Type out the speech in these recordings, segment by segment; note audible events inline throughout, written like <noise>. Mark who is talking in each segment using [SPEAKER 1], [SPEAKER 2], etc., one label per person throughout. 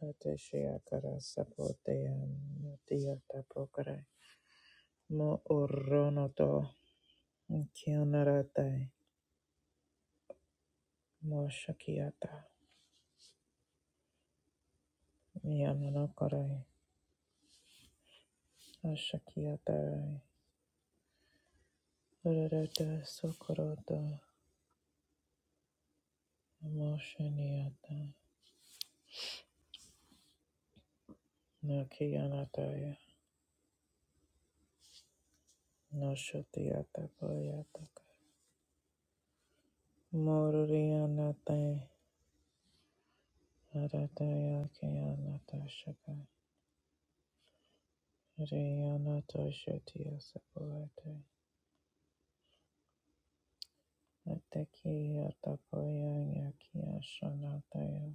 [SPEAKER 1] Hateshia kara sapotea natia tapokare. Mo oronoto kionaratai. Mo shakiata. Mianonokorai. Ashakiatai. Urarata sokoroto. Mo shaniata. Nakianatai. No shotiata koyataka. Mororianatai. Arataya kianata shaka. Rianato shotia sapoate. Atekia takoya yakia shanataya.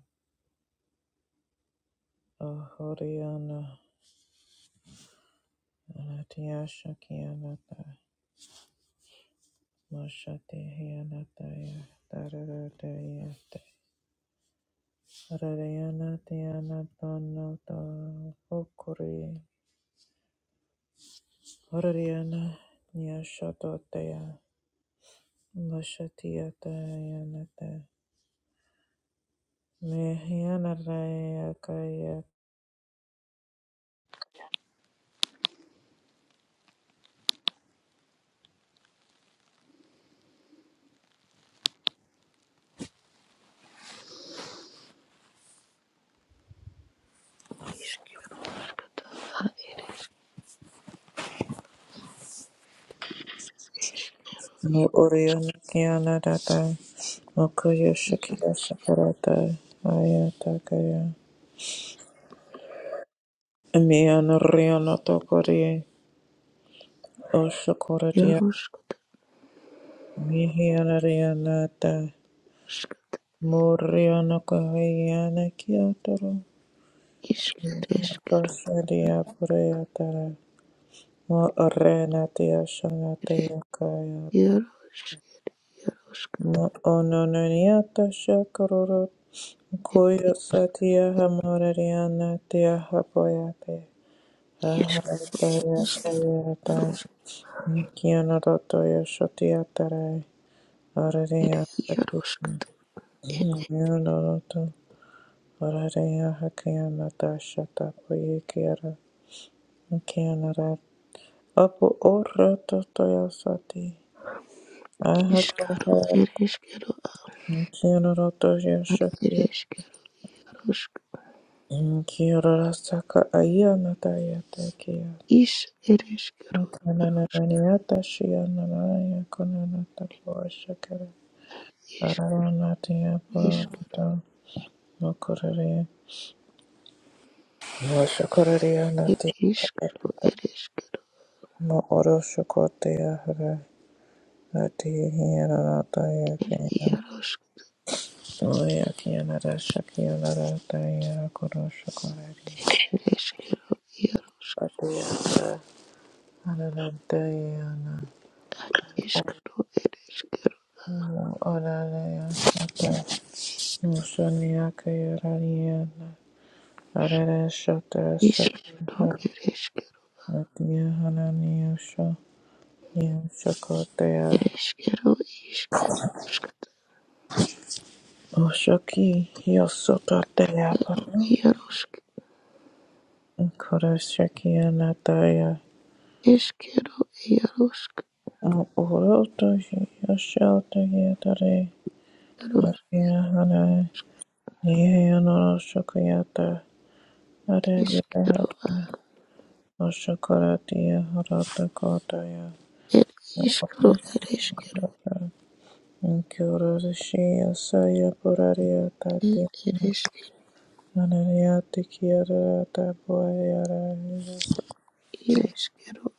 [SPEAKER 1] Ahoriana anatia shakianata. Mashate hianataya. Tararataya. Harariana tiana tanata. Okuri. Harariana nyashatotaya. Mashatiata yanata. Mehiana raya kaya. No oriana kianata. Mokoyo Shakira Sakurata Aya Takaya Miana Riana Tokori Oshakoradia
[SPEAKER 2] Yaroshkosh
[SPEAKER 1] Mihiana Rianata Muriana Kahayana Kiatoro
[SPEAKER 2] Ishkereshkere
[SPEAKER 1] Yakosadia Prayatara Mo Arena Tia Shanata Yakaya
[SPEAKER 2] Yaroshkosh
[SPEAKER 1] Mo Ononaniata Shakurot Koya Satya Hamariana Tia Hapoyate
[SPEAKER 2] Ishkere
[SPEAKER 1] Aharataya Kayataya Kianoroto Yoshotiatarai Orarea
[SPEAKER 2] Yaro
[SPEAKER 1] Hakipa Yonoroto Orarea Hakianata Shata Poyekiara Kianara Apu Oroto Toyosati
[SPEAKER 2] Ishkaro
[SPEAKER 1] Ahakara
[SPEAKER 2] Ereshkero
[SPEAKER 1] Kianoroto
[SPEAKER 2] Ad
[SPEAKER 1] Yoshotia
[SPEAKER 2] Ereshkeroshk
[SPEAKER 1] Kiora Saka Ayanata Yatakia
[SPEAKER 2] Ish Ereshkero
[SPEAKER 1] Kanananiata Shiananaya Konanata Poshakara Aranatiya
[SPEAKER 2] Ishkereshkere
[SPEAKER 1] Purata No shakararia nati
[SPEAKER 2] Ishkaro Ereshkero
[SPEAKER 1] no oro shakotia hara nati hiana nata ya kena
[SPEAKER 2] Yaroshk
[SPEAKER 1] no ya kiana ra shakiana ra ta ya koro shakarari
[SPEAKER 2] Ereshkero Yaro
[SPEAKER 1] ati ya hara anaranta ya na
[SPEAKER 2] Ad Ishkaro Ereshkero
[SPEAKER 1] no ora ra ya shata no shani ya kaya rari ya na ara ra shata sa
[SPEAKER 2] Ishkaro
[SPEAKER 1] hara
[SPEAKER 2] Ereshkero
[SPEAKER 1] ati ya hana ni ya sha ni ya shakotia
[SPEAKER 2] Ereshkero Ishkeroshk
[SPEAKER 1] Oshaki, yo soto te
[SPEAKER 2] Yaroshk
[SPEAKER 1] Koroshakia Nataya
[SPEAKER 2] Eshkero Yaroshk
[SPEAKER 1] Uroto Yoshota Yatare
[SPEAKER 2] Yaroshk
[SPEAKER 1] Akia Hana Nihanoro Shokayata Arevia
[SPEAKER 2] Eshkero
[SPEAKER 1] Hata Oshokoratia Horota Kotaya
[SPEAKER 2] It ishkro it ishkro
[SPEAKER 1] Inkyoroshiya Saya Puraria
[SPEAKER 2] it
[SPEAKER 1] Tati
[SPEAKER 2] it ishk
[SPEAKER 1] Anaria Tikiara Tabuayara
[SPEAKER 2] it ishkro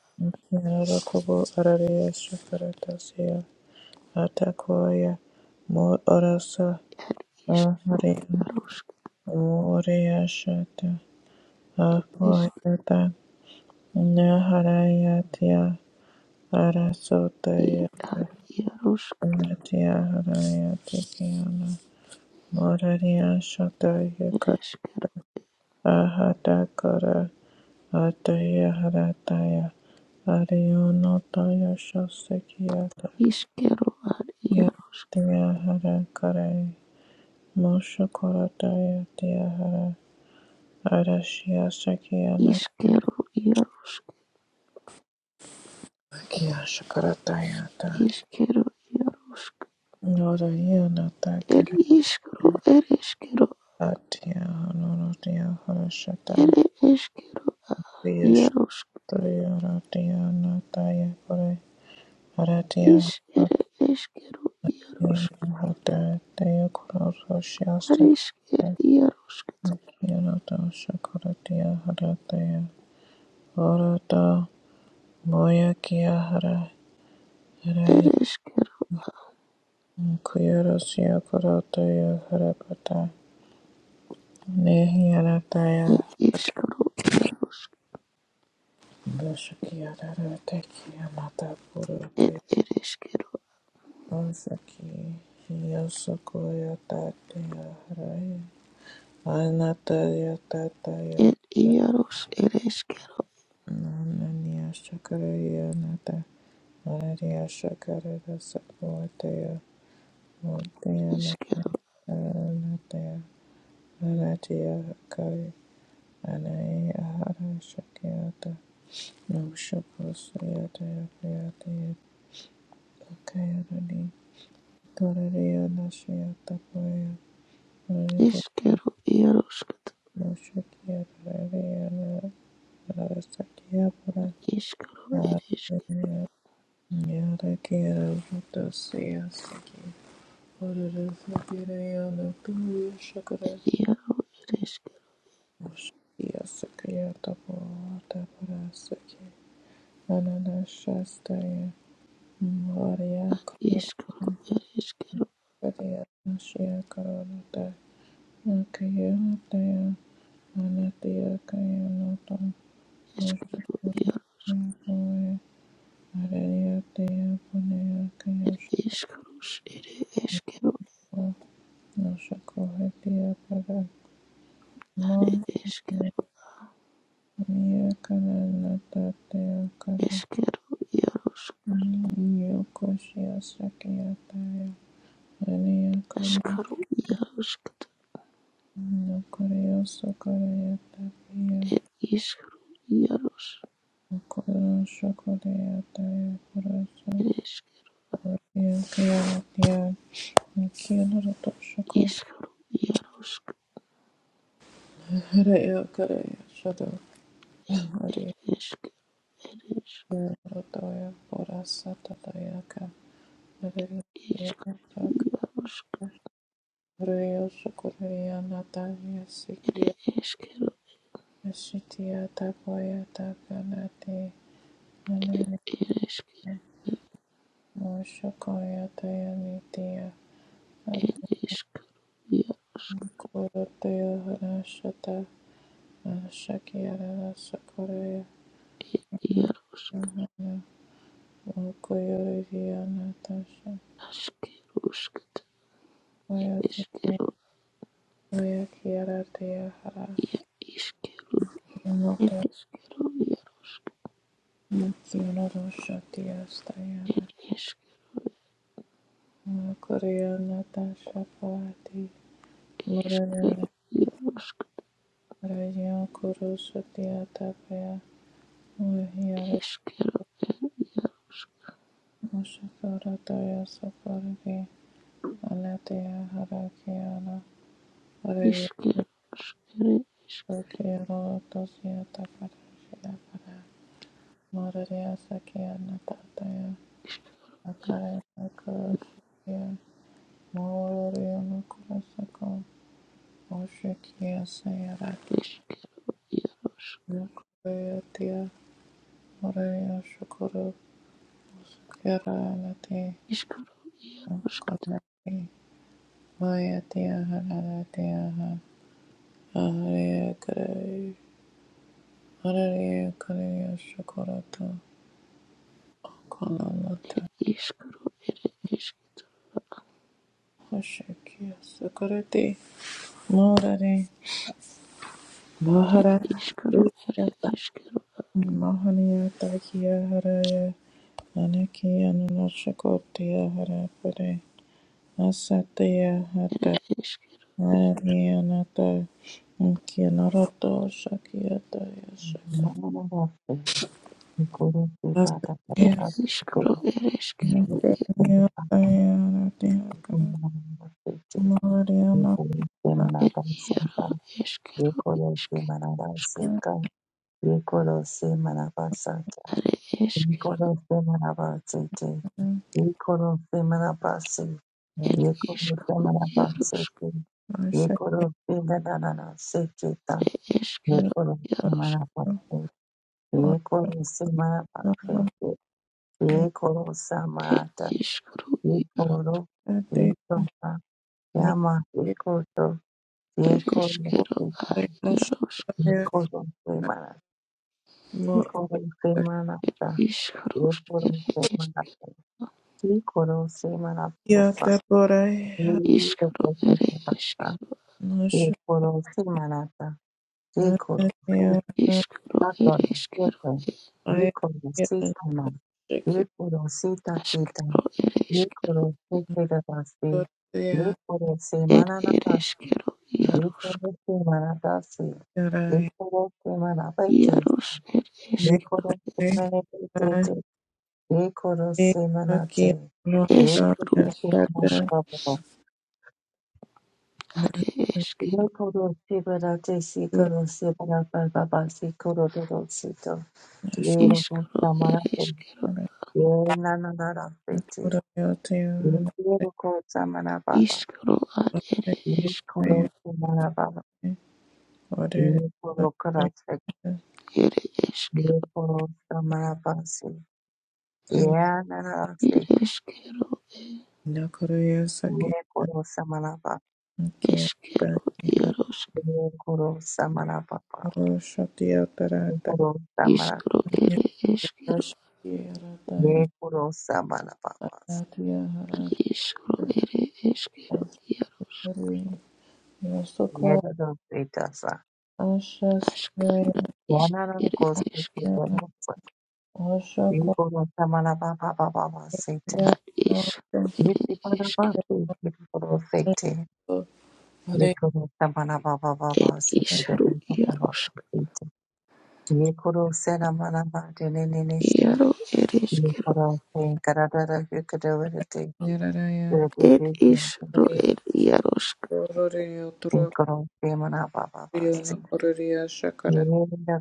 [SPEAKER 1] Yarakobo Araria Shakaratasya Atakoya Morasa
[SPEAKER 2] it ishkro
[SPEAKER 1] Aharia
[SPEAKER 2] yaroshk
[SPEAKER 1] Moriashata
[SPEAKER 2] ishk
[SPEAKER 1] Apoyata Naharayatia
[SPEAKER 2] it at
[SPEAKER 1] Arasotayaka
[SPEAKER 2] yaroshk
[SPEAKER 1] Natia Harayatikiana
[SPEAKER 2] it
[SPEAKER 1] Morariashatayaka
[SPEAKER 2] ishkro
[SPEAKER 1] Ahatakara Ataya Harataya Arionotaya Shosekiata
[SPEAKER 2] ishkro at yaroshk
[SPEAKER 1] Yatia Harakaraya Moshokorataya Tiahara Arashia Sakiana
[SPEAKER 2] ishkro yaroshk
[SPEAKER 1] Kia Shakaratayata
[SPEAKER 2] ishkro yaroshk
[SPEAKER 1] Norayana
[SPEAKER 2] it
[SPEAKER 1] Takaratia
[SPEAKER 2] ishkro it ishkro
[SPEAKER 1] Hanoratia Harashata
[SPEAKER 2] it ishkro at
[SPEAKER 1] Viyashtriya
[SPEAKER 2] yaroshk
[SPEAKER 1] Ratiana Tayakure Haratia
[SPEAKER 2] ish it ishkro yaroshk
[SPEAKER 1] Haratia Hata Tayakura Roshia
[SPEAKER 2] at ishk it
[SPEAKER 1] Sakianata
[SPEAKER 2] yaroshk
[SPEAKER 1] Shakaratia Harataya Orata Moya Kia Hara
[SPEAKER 2] it
[SPEAKER 1] Haraya
[SPEAKER 2] ishkro
[SPEAKER 1] Kuyarasia Karataya Harapata Nehi anataya
[SPEAKER 2] it ishkro
[SPEAKER 1] Roshaki Adaroteki Amata
[SPEAKER 2] it
[SPEAKER 1] Purote
[SPEAKER 2] it ishkro
[SPEAKER 1] Roshaki Yosokoya Tatya Haraya Anataya Tataya
[SPEAKER 2] Ed iaros ere eskero
[SPEAKER 1] Nananiya Shakaraya Nata Anariya Shakarada Sakovataya Mutaya
[SPEAKER 2] eskero
[SPEAKER 1] Nataya Anatiya kari Anaya Hara Shakiyata Nushakosayataya Priyataya Pakayarani Torariya Nashiyata Anatya Kaya Notam
[SPEAKER 2] eskero iaroskat eskero ere eskero iaro ere eskero eskero ere eskero
[SPEAKER 1] Moshya
[SPEAKER 2] eskero iaro
[SPEAKER 1] Kaya Ariadnea Bonea
[SPEAKER 2] ere
[SPEAKER 1] Kayashko
[SPEAKER 2] eskeros ere eskero
[SPEAKER 1] Nashakohetia Para
[SPEAKER 2] are
[SPEAKER 1] Mon
[SPEAKER 2] eskero
[SPEAKER 1] Mia Kana Natatea Kara
[SPEAKER 2] eskero iaros
[SPEAKER 1] Yokoshia Sakiataya Ania Kana
[SPEAKER 2] eskero iaroskat
[SPEAKER 1] Nokorea Sokorea Tapia
[SPEAKER 2] ed iskero iaros
[SPEAKER 1] Nokora Shakorea Taya Parasa
[SPEAKER 2] ere eskero
[SPEAKER 1] Oria Kayatia Nikia Roto Shako
[SPEAKER 2] iskero iaroskat
[SPEAKER 1] Harea Karea Shado Maria
[SPEAKER 2] eskero ere
[SPEAKER 1] Rotoya Porasa tatayaka. Maria
[SPEAKER 2] eskero
[SPEAKER 1] Antioch,
[SPEAKER 2] iaros
[SPEAKER 1] Maria Socorria Natalia Sikia,
[SPEAKER 2] ere eskero
[SPEAKER 1] Asitia Tapoya Takanati,
[SPEAKER 2] ed
[SPEAKER 1] Anani
[SPEAKER 2] ere eskero
[SPEAKER 1] Moshokoya Tayanitia,
[SPEAKER 2] ereshkiga
[SPEAKER 1] Abnkoro Teo Hanashata, Ashakiara Socorria,
[SPEAKER 2] iar
[SPEAKER 1] Natana, Mokoyoria Natasha,
[SPEAKER 2] ashkeroshketa
[SPEAKER 1] Koyati,
[SPEAKER 2] ereshkero
[SPEAKER 1] Koyakiara Teo Hara,
[SPEAKER 2] ia ishkero
[SPEAKER 1] Moto,
[SPEAKER 2] ereshkero iar
[SPEAKER 1] Mukino Roshatia Stayara. Korea Natasha pati
[SPEAKER 2] ereshkero
[SPEAKER 1] Murray
[SPEAKER 2] iar
[SPEAKER 1] Rayo Kuru Satya Tapaya
[SPEAKER 2] eshkero
[SPEAKER 1] Muhyara
[SPEAKER 2] er ishkero ere
[SPEAKER 1] Mushakara Taya saparvi Alatea Harakiara Araria
[SPEAKER 2] ereshkeros
[SPEAKER 1] Vikiara Tosia Taparashia Para Muraria Sakia Natataya akara Kuru Satya Moria Nukura Sako Moshikia Sayara Nukureatia Muraria Shukuru Keralati
[SPEAKER 2] ishkero iaroshketa
[SPEAKER 1] Konati Mayatiya Haralatiya Hariya Kare Hariya Kariya Shakurata Konanata
[SPEAKER 2] ishkero ere eshk
[SPEAKER 1] Hashakiya Sakurati Morari
[SPEAKER 2] er
[SPEAKER 1] Maharata
[SPEAKER 2] ishkero ere
[SPEAKER 1] yata
[SPEAKER 2] eshkero
[SPEAKER 1] Mahaniya Takiya Haraya Anakiya Nanashakurtiya Harapare Asatiya
[SPEAKER 2] ere
[SPEAKER 1] Hata
[SPEAKER 2] eshk
[SPEAKER 1] Hariya Nata Kiya Narata Shakiya Daya
[SPEAKER 3] Ye koro se mana pa
[SPEAKER 2] er
[SPEAKER 1] Yeah.
[SPEAKER 2] ishkero
[SPEAKER 3] se,
[SPEAKER 2] ereshkero iar
[SPEAKER 3] ye koro se mana
[SPEAKER 2] er
[SPEAKER 3] pa
[SPEAKER 2] iar
[SPEAKER 3] se,
[SPEAKER 2] eshkero
[SPEAKER 3] manaba
[SPEAKER 2] ishkero
[SPEAKER 3] seka. Nikoro se manaba santa.
[SPEAKER 2] ere eshkero
[SPEAKER 3] Nikoro se manaba sete. Nikoro se manaba se.
[SPEAKER 2] er
[SPEAKER 3] Nikoro se manaba sete. Nikoro se manaba seketa.
[SPEAKER 2] Eshkero,
[SPEAKER 3] Nikoro se
[SPEAKER 2] Yaroshk,
[SPEAKER 3] manaba se. Nikoro se manaba se. Ikoro
[SPEAKER 2] Ed
[SPEAKER 3] samata,
[SPEAKER 2] Ishkru,
[SPEAKER 3] ikoro, ikoma, yama, ikoto,
[SPEAKER 2] Ed
[SPEAKER 3] ikoro,
[SPEAKER 2] Eshkero,
[SPEAKER 3] ika,
[SPEAKER 2] A Yaroshk,
[SPEAKER 3] ikoro semana, ikoro semana,
[SPEAKER 2] Ishkrushk,
[SPEAKER 3] ikoro
[SPEAKER 2] Ed
[SPEAKER 3] semana,
[SPEAKER 2] Eshkero,
[SPEAKER 3] ikoro semana, posa,
[SPEAKER 2] Ishkro,
[SPEAKER 3] ikoro
[SPEAKER 2] Ed
[SPEAKER 3] semana,
[SPEAKER 2] Eshkero,
[SPEAKER 3] ikoro semana, ikoro semana,
[SPEAKER 2] Ishkro, Ed Eshkero,
[SPEAKER 3] Nakorosita, Ikorositama, Ikorosita kita,
[SPEAKER 2] Ashkro, Ed Eshkero,
[SPEAKER 3] Ikorosekerabasi,
[SPEAKER 2] Ed Ed
[SPEAKER 3] Ikorosemananaba,
[SPEAKER 2] Eshkero, Yaroshk,
[SPEAKER 3] Ikorosemanadasi, Ikorosemanabaiti,
[SPEAKER 2] Yarosh, Ed Eshkero,
[SPEAKER 3] Ikorosemanabitete, Ikorosemanate,
[SPEAKER 2] Eshkru, Yaroshk,
[SPEAKER 3] Ikorosemanababa,
[SPEAKER 2] Ad Eshkero,
[SPEAKER 3] Ikorosebadate, Sikorosebanababasi, Korodorosito,
[SPEAKER 2] Ishkro, Ed
[SPEAKER 3] Lerokostamanato,
[SPEAKER 2] Eshkero,
[SPEAKER 3] Yenanarafete, Yekoro Samana Baba,
[SPEAKER 2] Ishkro, Ad Ed Eshkero,
[SPEAKER 3] Yekoro Samana Baba, Yekoro Karate,
[SPEAKER 2] Ed Eshkero,
[SPEAKER 3] Yekoro Samana Basi,
[SPEAKER 2] Ed
[SPEAKER 3] Yanarafete,
[SPEAKER 2] Eshkero,
[SPEAKER 3] Yekoro Samana Baba,
[SPEAKER 2] Eskero, Iarosk,
[SPEAKER 3] Yekoro Samana Baba, Yekoro Samana,
[SPEAKER 2] Iskro, Ere, Eskero,
[SPEAKER 3] Yekoro Samana Baba,
[SPEAKER 2] Iskro, Ere, Eskero, Iar,
[SPEAKER 3] Yedarafeta Sa,
[SPEAKER 2] Askana, Is, Ere,
[SPEAKER 3] Yanarafete,
[SPEAKER 2] Eskero,
[SPEAKER 3] Yekoro Samana Baba Baba Satan,
[SPEAKER 2] Ad, Iskro, Ere,
[SPEAKER 3] Yekoro
[SPEAKER 2] Eskero,
[SPEAKER 3] Basi, Yekoro Fete, Ye
[SPEAKER 1] Yararaya,
[SPEAKER 3] koro ta mana ba ba ba ba
[SPEAKER 2] Ed,
[SPEAKER 3] se te de
[SPEAKER 2] Isru,
[SPEAKER 3] ba ba ba ba ba
[SPEAKER 2] Iarosk,
[SPEAKER 3] se te. Ye koro se na mana ba de ne ne ne shi.
[SPEAKER 2] Iaro, Ere,
[SPEAKER 3] Ye
[SPEAKER 2] Eskero,
[SPEAKER 3] koro se kara da da ye koro wa de te.
[SPEAKER 1] Yararaya,
[SPEAKER 3] Ye te
[SPEAKER 2] Ed,
[SPEAKER 3] te te te
[SPEAKER 2] Isru,
[SPEAKER 3] te.
[SPEAKER 2] Ed, Iarosk,
[SPEAKER 1] Yararaya,
[SPEAKER 3] Ye koro se mana ba ba ba se.
[SPEAKER 1] Rio Correria
[SPEAKER 3] Ye
[SPEAKER 1] Shakaratash
[SPEAKER 3] na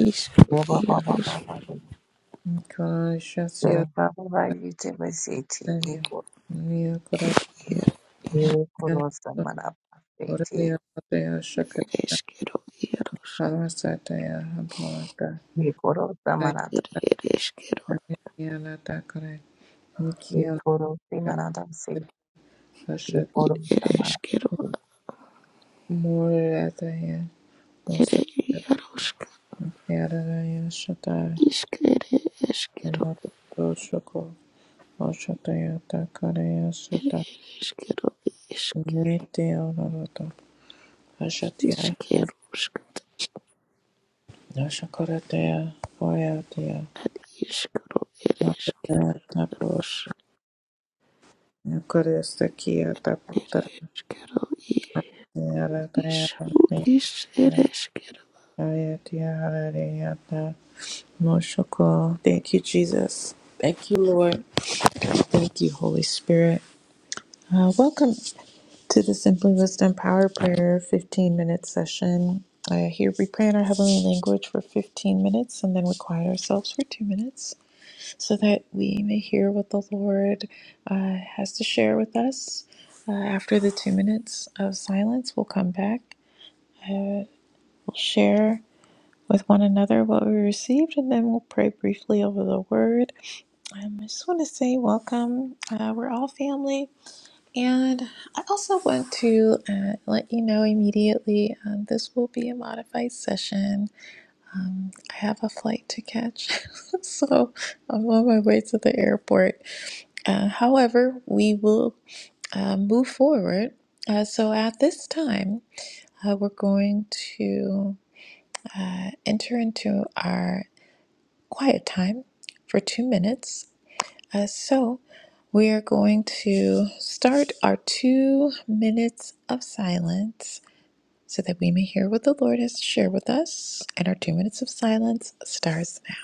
[SPEAKER 2] Isru, Iarosk,
[SPEAKER 1] Kalashasya Daniel Rio Correria
[SPEAKER 2] Iar,
[SPEAKER 1] Correria Patea Shakarata
[SPEAKER 2] Eskero, Iarosk,
[SPEAKER 1] Kalasataya Habolata
[SPEAKER 2] Ere, Eskero,
[SPEAKER 1] Diana Dakare Nikia Hashat
[SPEAKER 2] Ed, Ere, Eskero,
[SPEAKER 1] Murataya
[SPEAKER 2] Ere,
[SPEAKER 1] Osa
[SPEAKER 2] Iarosk,
[SPEAKER 1] Yaraya Shatai
[SPEAKER 2] Iskere, Eskero,
[SPEAKER 1] Shoshoko Oshataya Dakareya
[SPEAKER 2] El
[SPEAKER 1] Sata
[SPEAKER 2] isquero,
[SPEAKER 1] Nitya Rata Hashatya
[SPEAKER 2] isquero, isquero,
[SPEAKER 1] Nashakaratea Poyatea
[SPEAKER 2] isquero, el isquero,
[SPEAKER 1] Napur Nukaresakia
[SPEAKER 2] el
[SPEAKER 1] Taputar
[SPEAKER 2] isquero, i-
[SPEAKER 1] Yaratea
[SPEAKER 2] isquero.
[SPEAKER 1] Ayatia Harariata Moshoko. Thank you, Jesus. Thank you, Lord. Thank you, Holy Spirit. Uh, welcome to the Simply Wisdom Power Prayer 15 minute session. Uh, here we pray in our heavenly language for 15 minutes and then we quiet ourselves for two minutes. so that we may hear what the Lord uh, has to share with us. Uh, after the two minutes of silence, we'll come back. Uh, we'll share with one another what we received, and then we'll pray briefly over the word. Um, I just want to say welcome. Uh, we're all family. And I also want to uh, let you know immediately um, this will be a modified session. I have a flight to catch, <laughs> so I'm on my way to the airport. Uh, however, we will uh, move forward. Uh, so at this time, uh, we're going to enter into our quiet time for two minutes. Uh, so we are going to start our two minutes of silence so that we may hear what the Lord has shared with us. And our two minutes of silence starts now.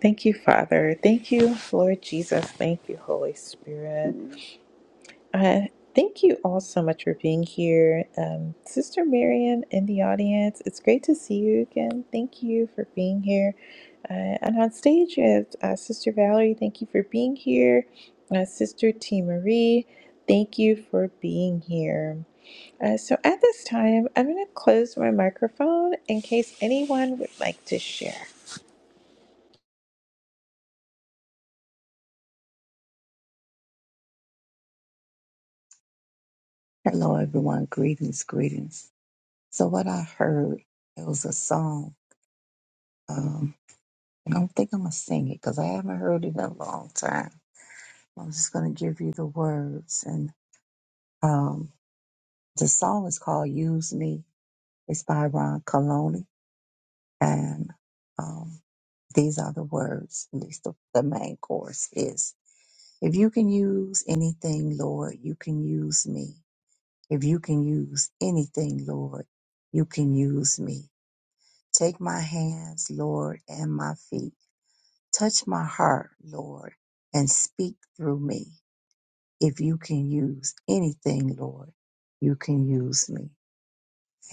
[SPEAKER 1] Thank you, Father. Thank you, Lord Jesus. Thank you, Holy Spirit. Uh, thank you all so much for being here. Um, Sister Miriam in the audience, it's great to see you again. Thank you for being here. Uh, and on stage, you have uh, Sister Valerie, thank you for being here. Uh, Sister T. Marie, thank you for being here. Uh, so at this time, I'm going to close my microphone in case anyone would like to share.
[SPEAKER 3] Hello, everyone. Greetings, greetings. So, what I heard, it was a song. Um, I don't think I'm going to sing it because I haven't heard it in a long time. I'm just going to give you the words. And um, the song is called Use Me. It's by Ron Coloni. And um, these are the words, at least the, the main chorus is If you can use anything, Lord, you can use me. If you can use anything, Lord, you can use me. Take my hands, Lord, and my feet. Touch my heart, Lord, and speak through me. If you can use anything, Lord, you can use me.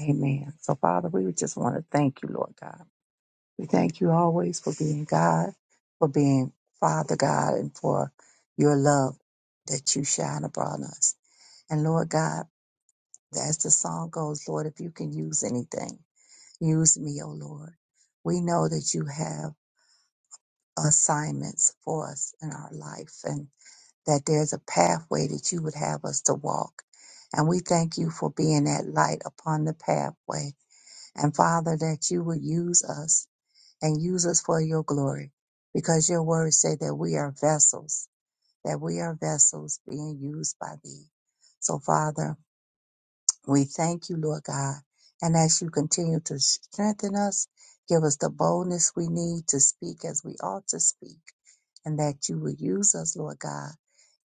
[SPEAKER 3] Amen. So, Father, we would just want to thank you, Lord God. We thank you always for being God, for being Father God, and for your love that you shine upon us. And Lord God, as the song goes, Lord, if you can use anything, use me, O Lord. We know that you have. assignments for us in our life and that there's a pathway that you would have us to walk. And we thank you for being that light upon the pathway. And Father, that you would use us and use us for your glory because your words say that we are vessels, that we are vessels being used by thee. So Father, we thank you, Lord God. And as you continue to strengthen us, give us the boldness we need to speak as we ought to speak, and that you will use us, Lord God,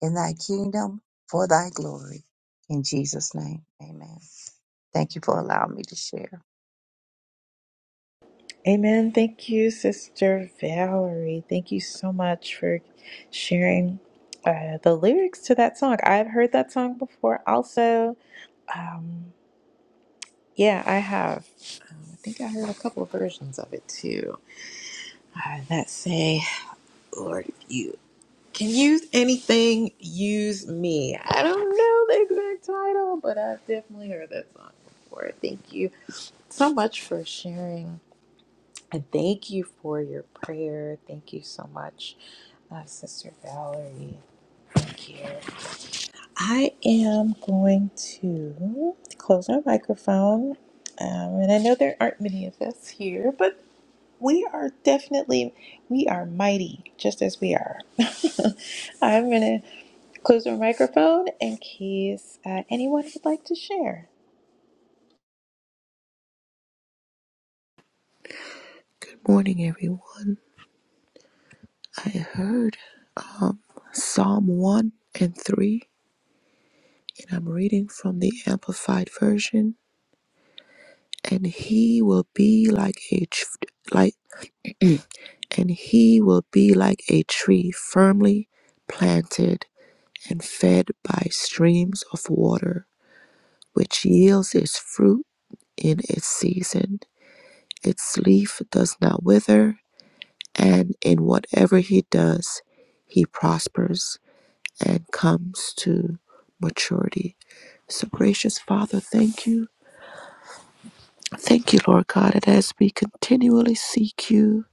[SPEAKER 3] in thy kingdom for thy glory. In Jesus' name, amen. Thank you for allowing me to share.
[SPEAKER 1] Amen. Thank you, Sister Valerie. Thank you so much for sharing uh, the lyrics to that song. I've heard that song before. Also, um, yeah, I have. Um, I think I heard a couple of versions of it too uh, that say, Lord, if you can use anything, use me. I don't know the exact title, but I've definitely heard that song before. Thank you so much for sharing. And thank you for your prayer. Thank you so much my sister Valerie. Thank you. I am going to close our microphone. Um, and I know there aren't many of us here, but we are definitely, we are mighty just as we are. <laughs> I'm going to close our microphone in case uh, anyone would like to share.
[SPEAKER 2] Good morning, everyone. I heard um, Psalm 1 and 3, and I'm reading from the Amplified Version. And he will be like a tr- like, and he will be like a tree firmly planted and fed by streams of water which yields its fruit in its season. Its leaf does not wither, and in whatever he does, he prospers and comes to maturity. So, gracious Father, thank you. Thank you, Lord God, and as we continually seek you,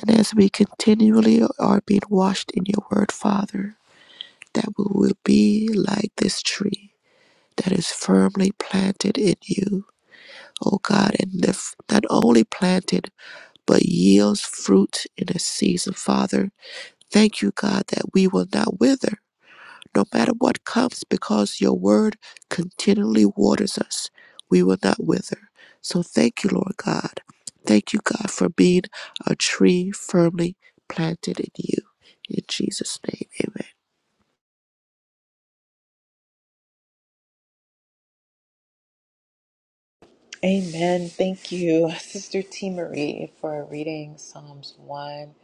[SPEAKER 2] and as we continually are being washed in your word, Father, that we will be like this tree that is firmly planted in you, O God, and not only planted, but yields fruit in its season, Father. Thank you, God, that we will not wither no matter what comes because your word continually waters us. We will not wither. So thank you, Lord God. Thank you, God, for being a tree firmly planted in you. In Jesus' name, amen.
[SPEAKER 1] Amen. Thank you, Sister T. Marie, for reading Psalms 1,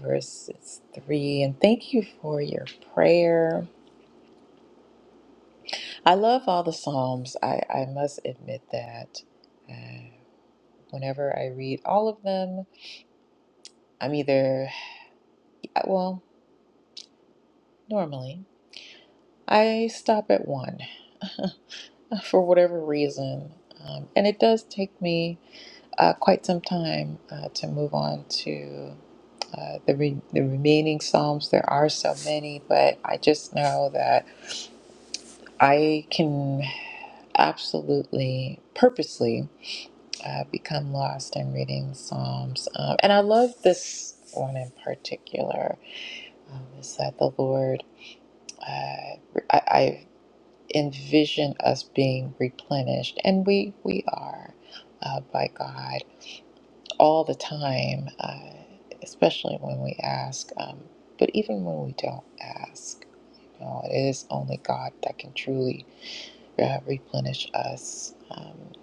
[SPEAKER 1] verses 3. And thank you for your prayer. I love all the Psalms. I, I must admit that. Uh, whenever I read all of them, I'm either, well, normally, I stop at one <laughs> for whatever reason. Um, and it does take me uh, quite some time uh, to move on to uh, the, re- the remaining Psalms. There are so many, but I just know that I can absolutely purposely. uh, become lost in reading Psalms. Um, and I love this one in particular um, is that the Lord, uh, I, I envision us being replenished, and we, we are uh, by God all the time, uh, especially when we ask, um, but even when we don't ask. You know, it is only God that can truly uh, replenish us. Um,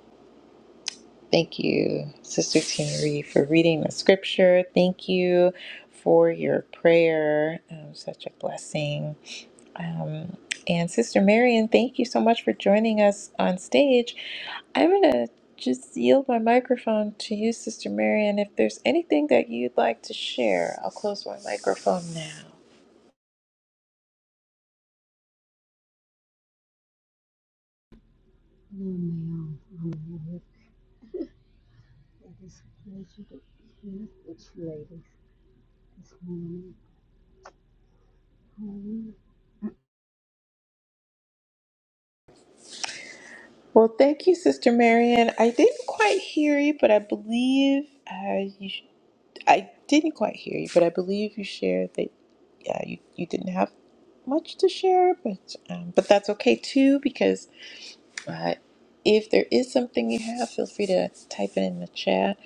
[SPEAKER 1] Thank you, Sister Tina Reed, for reading the scripture. Thank you for your prayer. Um, such a blessing. Um, and Sister Marion, thank you so much for joining us on stage. I'm going to just yield my microphone to you, Sister Marion. If there's anything that you'd like to share, I'll close my microphone now.
[SPEAKER 4] Oh my Amen. Amen. It is a pleasure to be here with you ladies this morning. Hallelujah.
[SPEAKER 1] Well, thank you, Sister Marion. I didn't quite hear you, but I believe uh, you. Sh- I didn't quite hear you, but I believe you shared that yeah, you, you didn't have much to share, but um, but that's okay too because uh, if there is something you have, feel free to type it in the chat,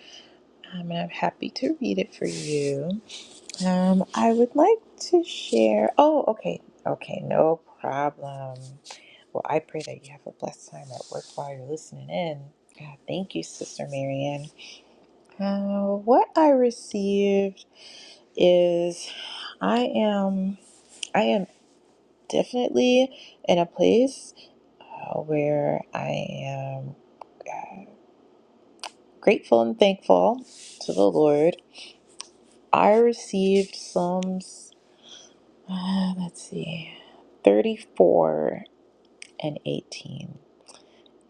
[SPEAKER 1] um, and I'm happy to read it for you. Um, I would like to share. Oh, okay, okay, no problem. Well, I pray that you have a blessed time at work while you're listening in. God, thank you, Sister Marianne. Uh, what I received is I am I am. definitely in a place uh, where I am uh, grateful and thankful to the Lord. I received Psalms, uh, let's see, 34 and 18.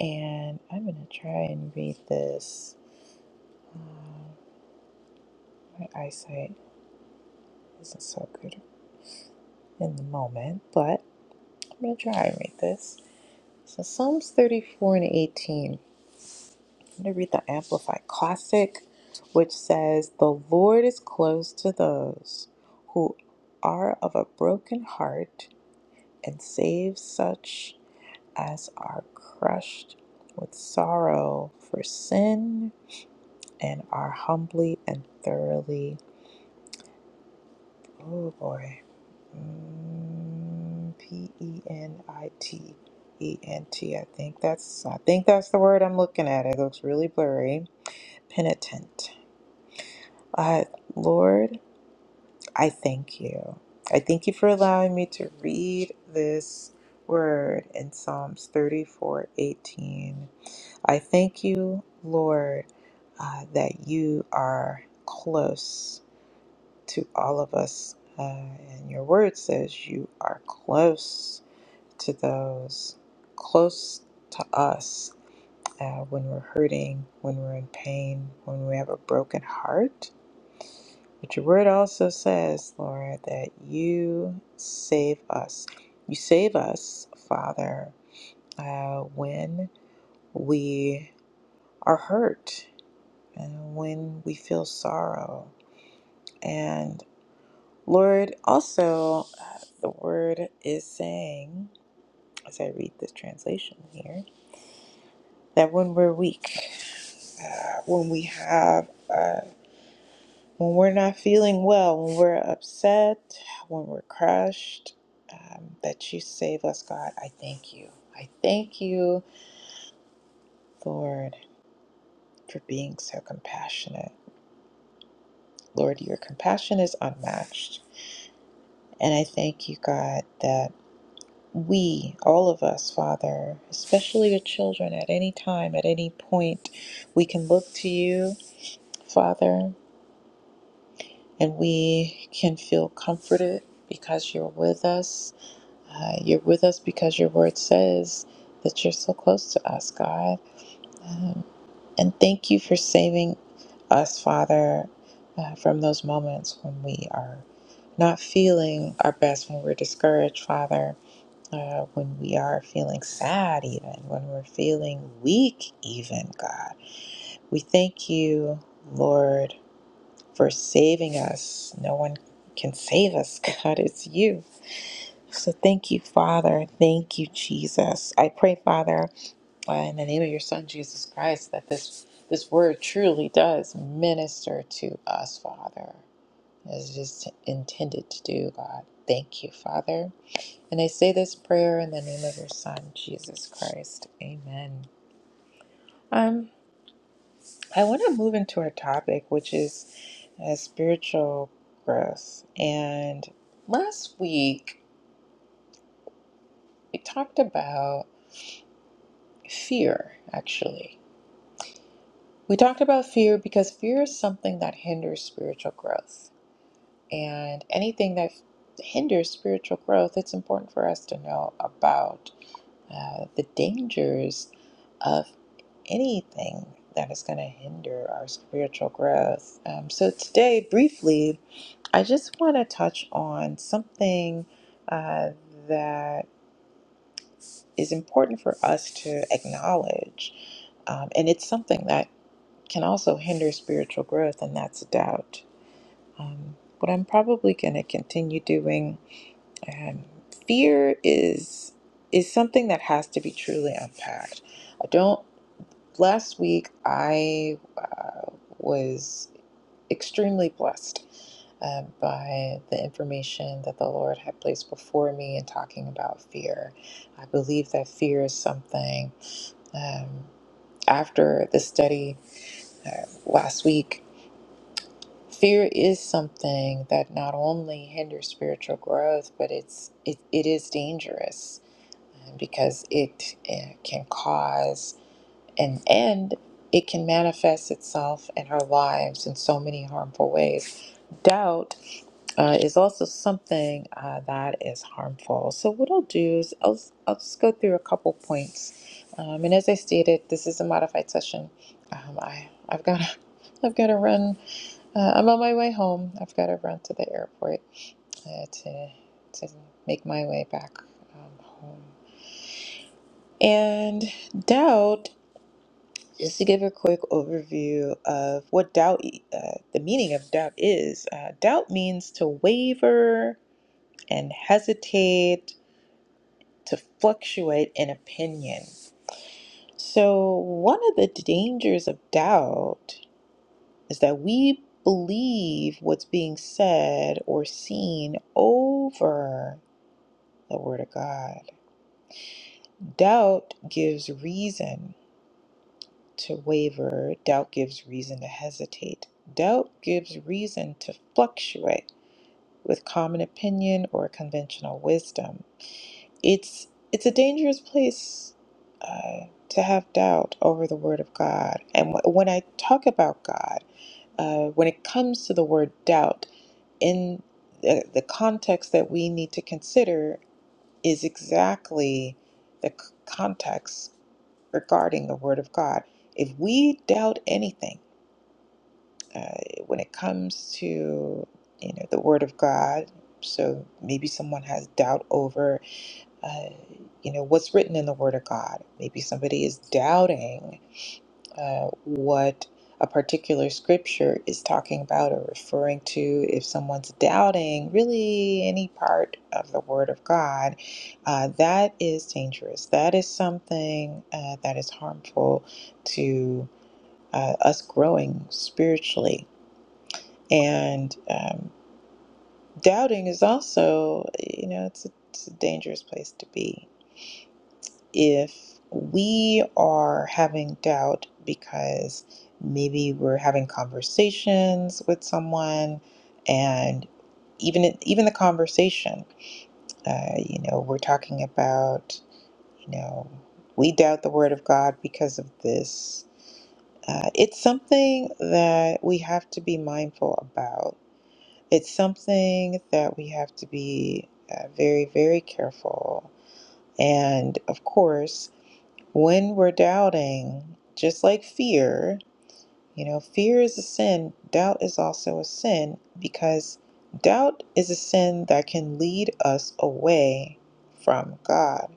[SPEAKER 1] And I'm going to try and read this. Um, my eyesight isn't so good in the moment, but I'm going to try and read this. So, Psalms 34 and 18. I'm going to read the Amplified Classic, which says, The Lord is close to those who are of a broken heart and saves such as are crushed with sorrow for sin and are humbly and thoroughly. Oh boy. Mm, P E N I T E N T. I think that's I think that's the word I'm looking at. It looks really blurry. Penitent. Uh, Lord, I thank you. I thank you for allowing me to read this word in Psalms 34:18. I thank you, Lord, uh, that you are close to all of us. Uh, and your word says you are close to those, close to us uh, when we're hurting, when we're in pain, when we have a broken heart But your word also says, Lord, that you save us. You save us, Father, uh, when we are hurt and when we feel sorrow. And Lord, also, uh, the word is saying, as I read this translation here, that when we're weak, uh, when we have uh, When we're not feeling well, when we're upset, when we're crushed, um, that you save us, God. I thank you. I thank you, Lord, for being so compassionate. Lord, your compassion is unmatched. And I thank you, God, that we, all of us, Father, especially your children, at any time, at any point, we can look to you, Father, and we can feel comforted because you're with us Uh, you're with us because your word says that you're so close to us, God. Um, and thank you for saving us, Father, uh, from those moments when we are not feeling our best, when we're discouraged, Father, uh, when we are feeling sad, even, when we're feeling weak, even, God. We thank you, Lord, for saving us. No one can save us, <laughs> God. It's you. So thank you, Father. Thank you, Jesus. I pray, Father, uh, in the name of your Son, Jesus Christ, that this, this word truly does minister to us, Father, as it is intended to do, God. Thank you, Father. And I say this prayer in the name of your Son, Jesus Christ. Amen. Um, I want to move into our topic, which is uh, spiritual growth. And last week, we talked about fear, actually We talked about fear because fear is something that hinders spiritual growth. And anything that hinders spiritual growth, it's important for us to know about uh, the dangers of anything that is going to hinder our spiritual growth. Um, so, today, briefly, I just want to touch on something uh, that is important for us to acknowledge. Um, and it's something that can also hinder spiritual growth, and that's doubt. Um, what I'm probably going to continue doing, um, fear is is something that has to be truly unpacked. I don't. Last week, I uh, was extremely blessed um, by the information that the Lord had placed before me in talking about fear. I believe that fear is something. Um, after the study uh, last week, Fear is something that not only hinders spiritual growth, but it's it, it is dangerous uh, because it, uh can cause an end. It can manifest itself in our lives in so many harmful ways. Doubt uh, is also something uh, that is harmful. So what I'll do is I'll, I'll just go through a couple points. Um, and as I stated, this is a modified session. Um, I I've got to, <laughs> I've got to run uh, I'm on my way home. I've got to run to the airport uh, to to make my way back um, home. And doubt, just to give a quick overview of what doubt, e, uh, the meaning of doubt is. Uh, doubt means to waver and hesitate, to fluctuate in opinion. So one of the dangers of doubt is that we believe what's being said or seen over the Word of God. Doubt gives reason to waver, doubt gives reason to hesitate, doubt gives reason to fluctuate with common opinion or conventional wisdom. It's, it's a dangerous place uh, to have doubt over the Word of God. And wh- when I talk about God, uh, when it comes to the word doubt, in the, the context that we need to consider is exactly the c- context regarding the Word of God. If we doubt anything uh, when it comes to you know the Word of God, so maybe someone has doubt over uh, you know what's written in the Word of God. Maybe somebody is doubting uh, what a particular scripture is talking about or referring to. If someone's doubting really any part of the Word of God, uh, that is dangerous. That is something uh, that is harmful to uh, us growing spiritually. And um, doubting is also, you know, it's a, it's a dangerous place to be. if we are having doubt because maybe we're having conversations with someone and even even the conversation uh, you know we're talking about you know we doubt the word of god because of this uh, it's something that we have to be mindful about it's something that we have to be uh, very very careful and of course when we're doubting, just like fear, you know, fear is a sin, doubt is also a sin because doubt is a sin that can lead us away from God.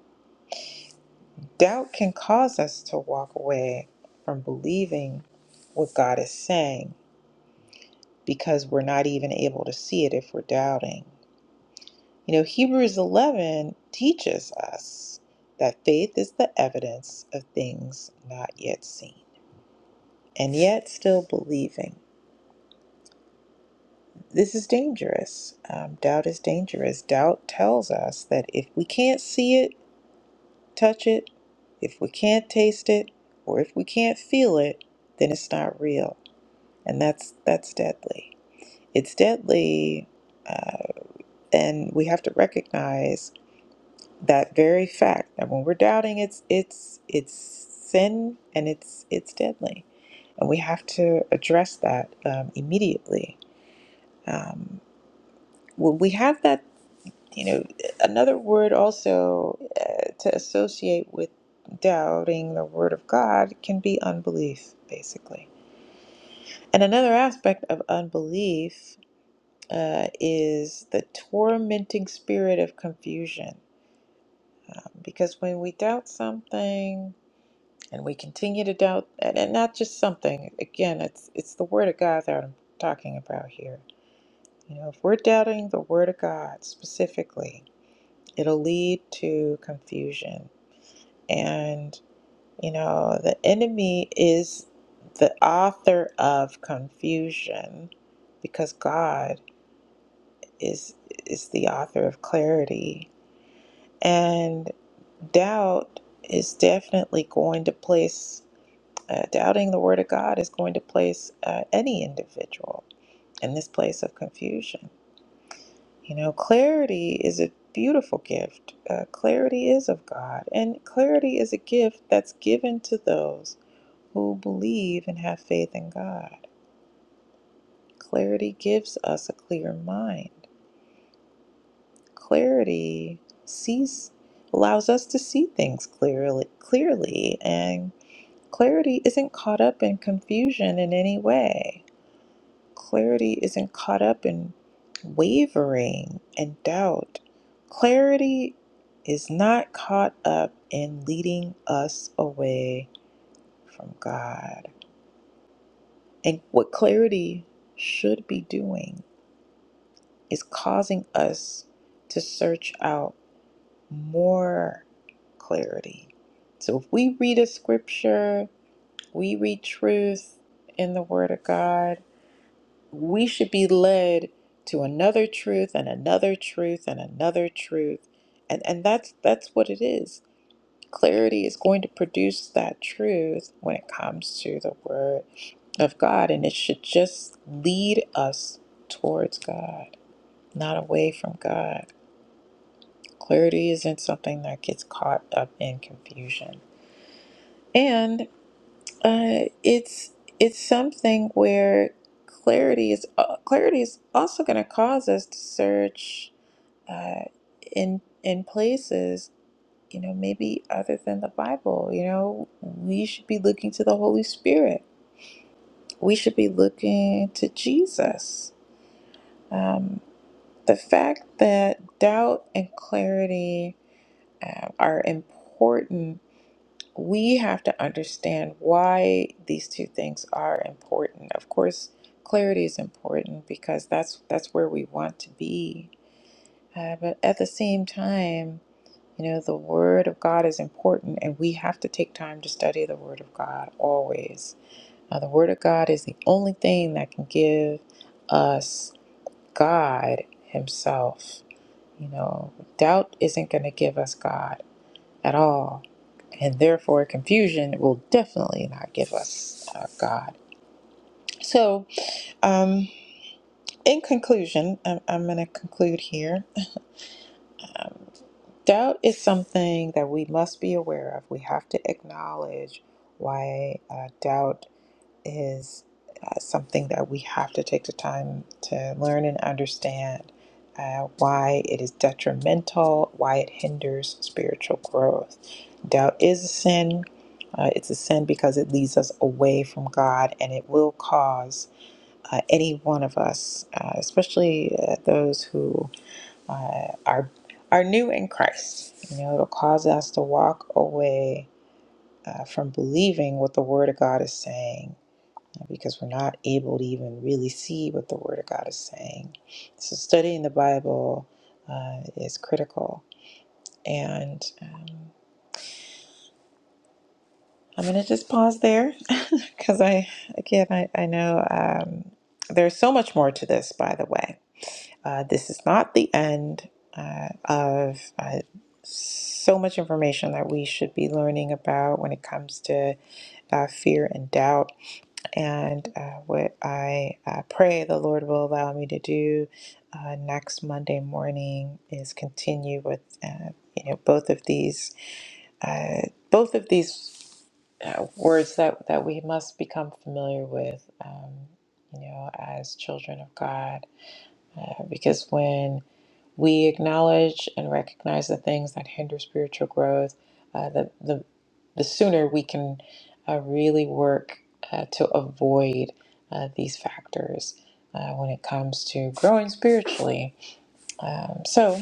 [SPEAKER 1] Doubt can cause us to walk away from believing what God is saying because we're not even able to see it if we're doubting. You know, Hebrews 11 teaches us that faith is the evidence of things not yet seen. and yet still believing. This is dangerous. Um, doubt is dangerous. Doubt tells us that if we can't see it, touch it, if we can't taste it, or if we can't feel it, then it's not real, and that's that's deadly. It's deadly, uh, and we have to recognize that very fact that when we're doubting, it's it's it's sin and it's it's deadly, and we have to address that um, immediately Um, Well, we have that, you know, another word also uh, to associate with doubting the word of God can be unbelief, basically. And another aspect of unbelief uh, is the tormenting spirit of confusion. Um, because when we doubt something and we continue to doubt, and, and not just something, again, it's, it's the word of God that I'm talking about here. You know, if we're doubting the word of God specifically, it'll lead to confusion. And, you know, the enemy is the author of confusion because God is is the author of clarity. And doubt is definitely going to place uh, doubting the word of God is going to place uh, any individual in this place of confusion. You know, clarity is a beautiful gift. Uh, clarity is of God, and clarity is a gift that's given to those who believe and have faith in God. Clarity gives us a clear mind. Clarity sees allows us to see things clearly clearly and clarity isn't caught up in confusion in any way Clarity isn't caught up in wavering and doubt. Clarity is not caught up in leading us away from God. And what clarity should be doing is causing us to search out more clarity. So if we read a scripture, we read truth in the Word of God we should be led to another truth and another truth and another truth and and that's that's what it is clarity is going to produce that truth when it comes to the word of god and it should just lead us towards god not away from god clarity isn't something that gets caught up in confusion and Uh, it's it's something where clarity is uh, clarity is also going to cause us to search uh, in in places you know maybe other than the Bible. You know, we should be looking to the Holy Spirit. We should be looking to Jesus. Um, the fact that doubt and clarity uh, are important we have to understand why these two things are important. Of course, clarity is important because that's that's where we want to be. Uh, but at the same time, you know, the Word of God is important, and we have to take time to study the Word of God always. Uh, the Word of God is the only thing that can give us God Himself. You know, doubt isn't going to give us God at all. And therefore, confusion will definitely not give us uh, God. So, um, in conclusion, I'm, I'm going to conclude here. Um, doubt is something that we must be aware of. We have to acknowledge why uh, doubt. is uh, something that we have to take the time to learn and understand uh, why it is detrimental, why it hinders spiritual growth. Doubt is a sin. Uh, it's a sin because it leads us away from God and it will cause uh, any one of us, uh, especially uh, those who uh, are, are new in Christ, you know, it'll cause us to walk away uh, from believing what the Word of God is saying because we're not able to even really see what the Word of God is saying. So, studying the Bible uh, is critical. And um, I'm going to just pause there <laughs> because I, again, I, I know um, there's so much more to this, by the way. Uh, this is not the end uh, of uh, so much information that we should be learning about when it comes to uh, fear and doubt and uh, what I uh, pray the Lord will allow me to do uh, next Monday morning is continue with uh, you know both of these uh, both of these uh, words that that we must become familiar with um, you know as children of God uh, because when we acknowledge and recognize the things that hinder spiritual growth. Uh, the, the, the sooner we can uh, really work uh, to avoid uh, these factors uh, when it comes to growing spiritually. Um, so,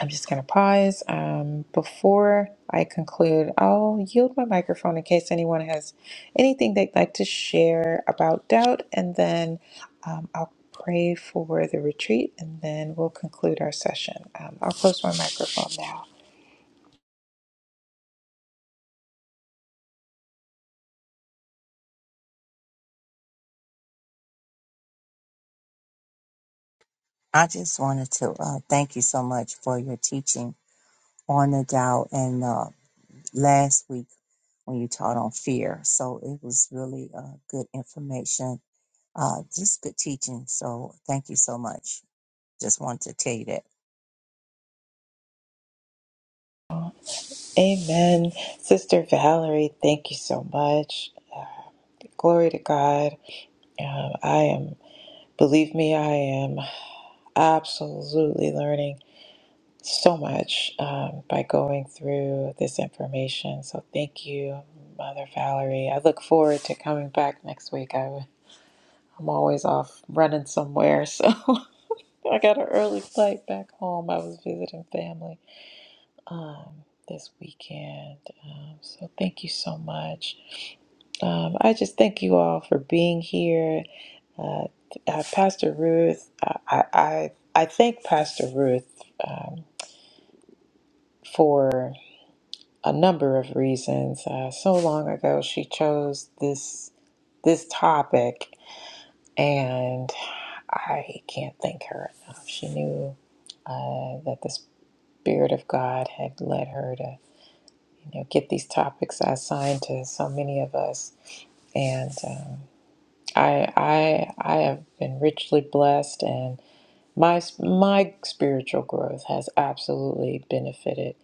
[SPEAKER 1] I'm just going to pause. Um, before I conclude, I'll yield my microphone in case anyone has anything they'd like to share about doubt, and then um, I'll pray for the retreat, and then we'll conclude our session. Um, I'll close my microphone now.
[SPEAKER 3] I just wanted to uh, thank you so much for your teaching on the doubt and uh, last week when you taught on fear. So it was really uh, good information Uh, just good teaching. So thank you so much. Just want to tell you that.
[SPEAKER 1] Amen. Sister Valerie, thank you so much. Glory to God. Um, I am, believe me, I am absolutely learning. so much um, by going through this information. So thank you, Mother Valerie. I look forward to coming back next week. I, I'm always off running somewhere, so <laughs> I got an early flight back home. I was visiting family um, this weekend. Um, so thank you so much. Um, I just thank you all for being here. Uh, uh, Pastor Ruth, I, I, I I thank Pastor Ruth um, for. a number of reasons. Uh, so long ago, she chose this this topic, and I can't thank her enough. She knew uh, that the spirit of God had led her to, you know, get these topics assigned to so many of us, and um, I I I have been richly blessed and. My my spiritual growth has absolutely benefited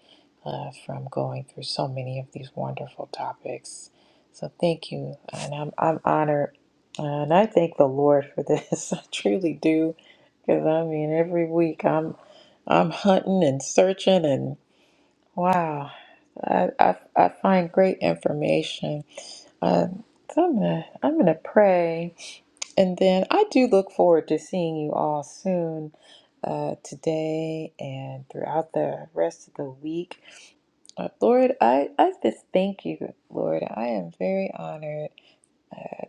[SPEAKER 1] uh, from going through so many of these wonderful topics. So thank you, and I'm I'm honored, uh, and I thank the Lord for this. <laughs> I truly do, because I mean, every week I'm I'm hunting and searching, and wow, I I, I find great information. Uh, so I'm gonna I'm gonna pray. And then I do look forward to seeing you all soon uh, today and throughout the rest of the week. Uh, Lord, I, I just thank you, Lord. I am very honored,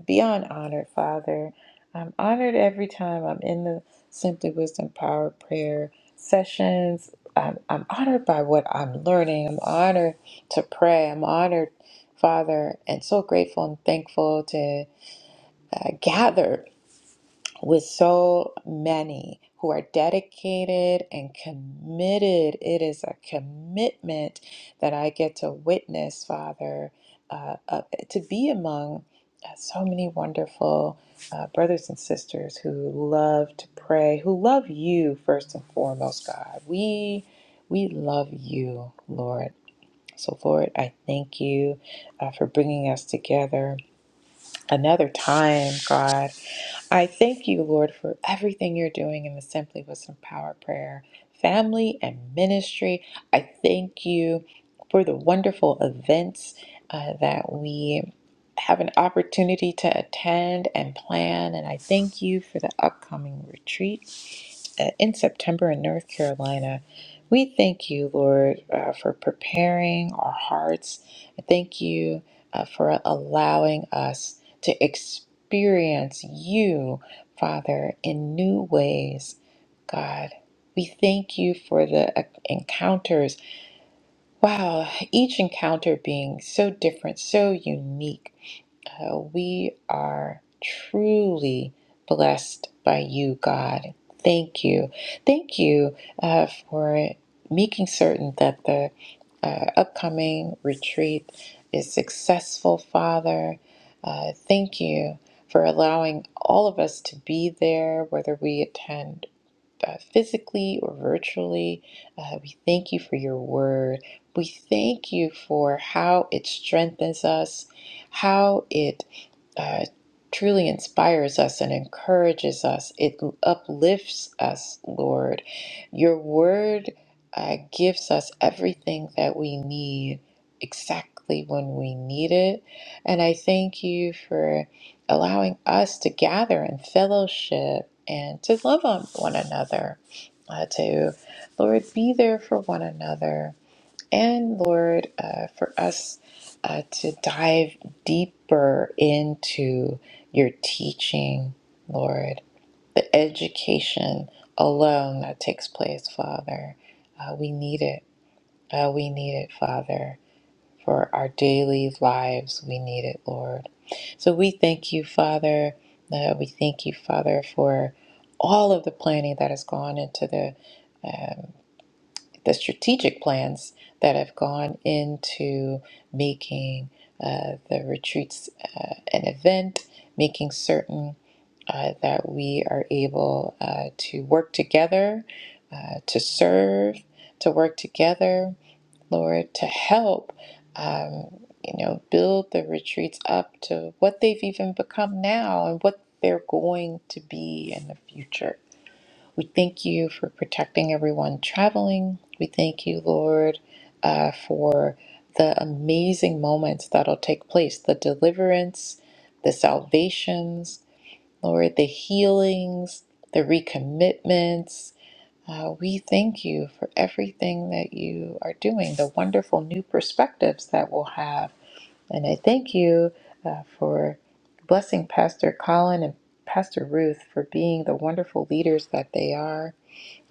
[SPEAKER 1] beyond honored, Father. I'm honored every time I'm in the Simply Wisdom Power Prayer sessions. I'm, I'm honored by what I'm learning. I'm honored to pray. I'm honored, Father, and so grateful and thankful to uh, gather with so many who are dedicated and committed. It is a commitment that I get to witness, Father, uh, uh, to be among uh, so many wonderful uh, brothers and sisters who love to pray, who love you first and foremost, God. We we love you, Lord. So, Lord, I thank you uh, for bringing us together another time, God I thank you, Lord, for everything you're doing in the Simply Wisdom Power Prayer family and ministry. I thank you for the wonderful events uh, that we have an opportunity to attend and plan. And I thank you for the upcoming retreat uh, in September in North Carolina. We thank you, Lord, uh, for preparing our hearts. Thank you uh, for allowing us to experience you, Father, in new ways, God. We thank you for the uh, encounters. Wow, each encounter being so different, so unique. Uh, we are truly blessed by you, God. Thank you. Thank you uh, for making certain that the uh, upcoming retreat is successful, Father. Uh, thank you for allowing all of us to be there, whether we attend God, physically or virtually. Uh, we thank you for your word. We thank you for how it strengthens us, how it uh, truly inspires us and encourages us. It uplifts us, Lord. Your word uh, gives us everything that we need exactly when we need it. And I thank you for allowing us to gather in fellowship and to love on one another, uh, to, Lord, be there for one another, and Lord, uh, for us uh, to dive deeper into your teaching, Lord, the education alone that takes place, Father. Uh, we need it. Uh, we need it, Father for our daily lives. We need it, Lord. So we thank you, Father. Uh, we thank you, Father, for all of the planning that has gone into the um, the strategic plans that have gone into making uh, the retreats uh, an event, making certain uh, that we are able uh, to work together, uh, to serve, to work together, Lord, to help, um, you know, build the retreats up to what they've even become now and what they're going to be in the future. We thank you for protecting everyone traveling. We thank you, Lord, uh, for the amazing moments that'll take place the deliverance, the salvations, Lord, the healings, the recommitments. Uh, we thank you for everything that you are doing, the wonderful new perspectives that we'll have. And I thank you uh, for blessing Pastor Colin and Pastor Ruth for being the wonderful leaders that they are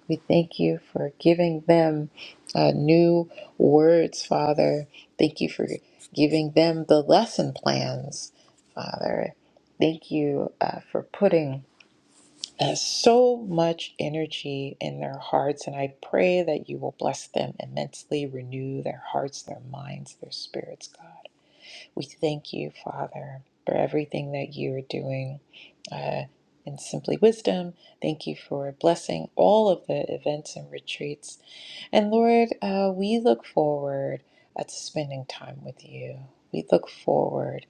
[SPEAKER 1] we thank you for giving them uh, new words, Father. Thank you for giving them the lesson plans, Father. Thank you uh, for putting uh, so much energy in their hearts, and I pray that you will bless them immensely, renew their hearts, their minds, their spirits, God. We thank you, Father, for everything that you are doing uh, in Simply Wisdom. Thank you for blessing all of the events and retreats. And Lord, uh, we look forward uh, to spending time with you. We look forward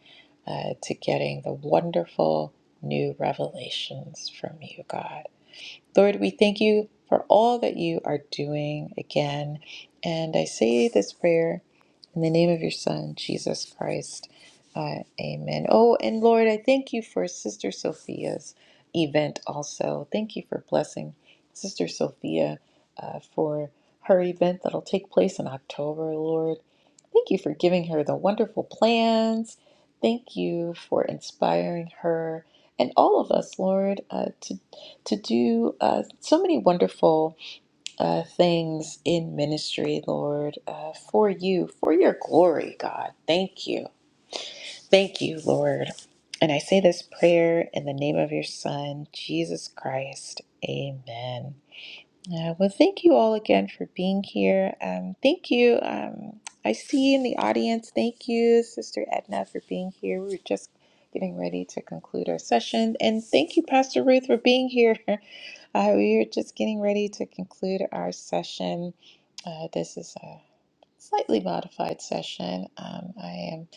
[SPEAKER 1] uh, to getting the wonderful new revelations from you, God. Lord, we thank you for all that you are doing again. And I say this prayer in the name of your Son, Jesus Christ. Uh, amen. Oh, and Lord, I thank you for Sister Sophia's event also. Thank you for blessing Sister Sophia uh, for her event that'll take place in October, Lord. Thank you for giving her the wonderful plans. Thank you for inspiring her and all of us, Lord, uh, to to do uh, so many wonderful uh, things in ministry, Lord, uh, for you, for your glory, God. Thank you. Thank you, Lord. And I say this prayer in the name of your Son, Jesus Christ. Amen. Uh, well, thank you all again for being here. Um, thank you. Um, I see in the audience. Thank you, Sister Edna, for being here. We were just getting ready to conclude our session. And thank you, Pastor Ruth, for being here. <laughs> Uh, we are just getting ready to conclude our session. Uh, this is a slightly modified session. Um, I am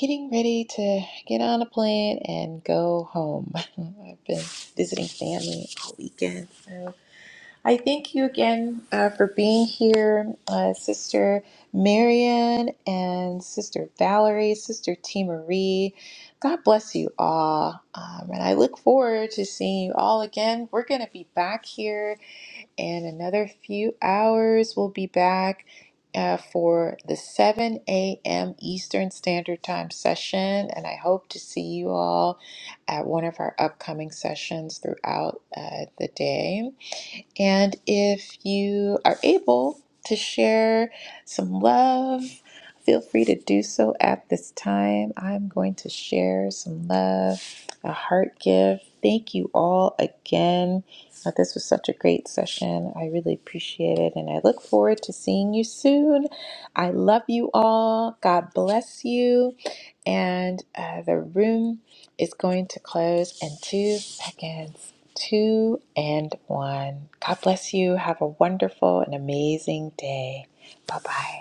[SPEAKER 1] getting ready to get on a plane and go home. <laughs> I've been visiting family all weekend. So I thank you again uh, for being here, uh, Sister Marian and Sister Valerie, Sister T. Marie. God bless you all. Um, and I look forward to seeing you all again. We're going to be back here and another few hours we'll be back uh, for the 7 a.m eastern standard time session and i hope to see you all at one of our upcoming sessions throughout uh, the day and if you are able to share some love, feel free to do so at this time. I'm going to share some love, a heart gift. Thank you all again. Uh, This was such a great session. I really appreciate it, and I look forward to seeing you soon. I love you all. God bless you. And uh, the room. It's going to close in two seconds. Two and one. God bless you. Have a wonderful and amazing day. Bye bye.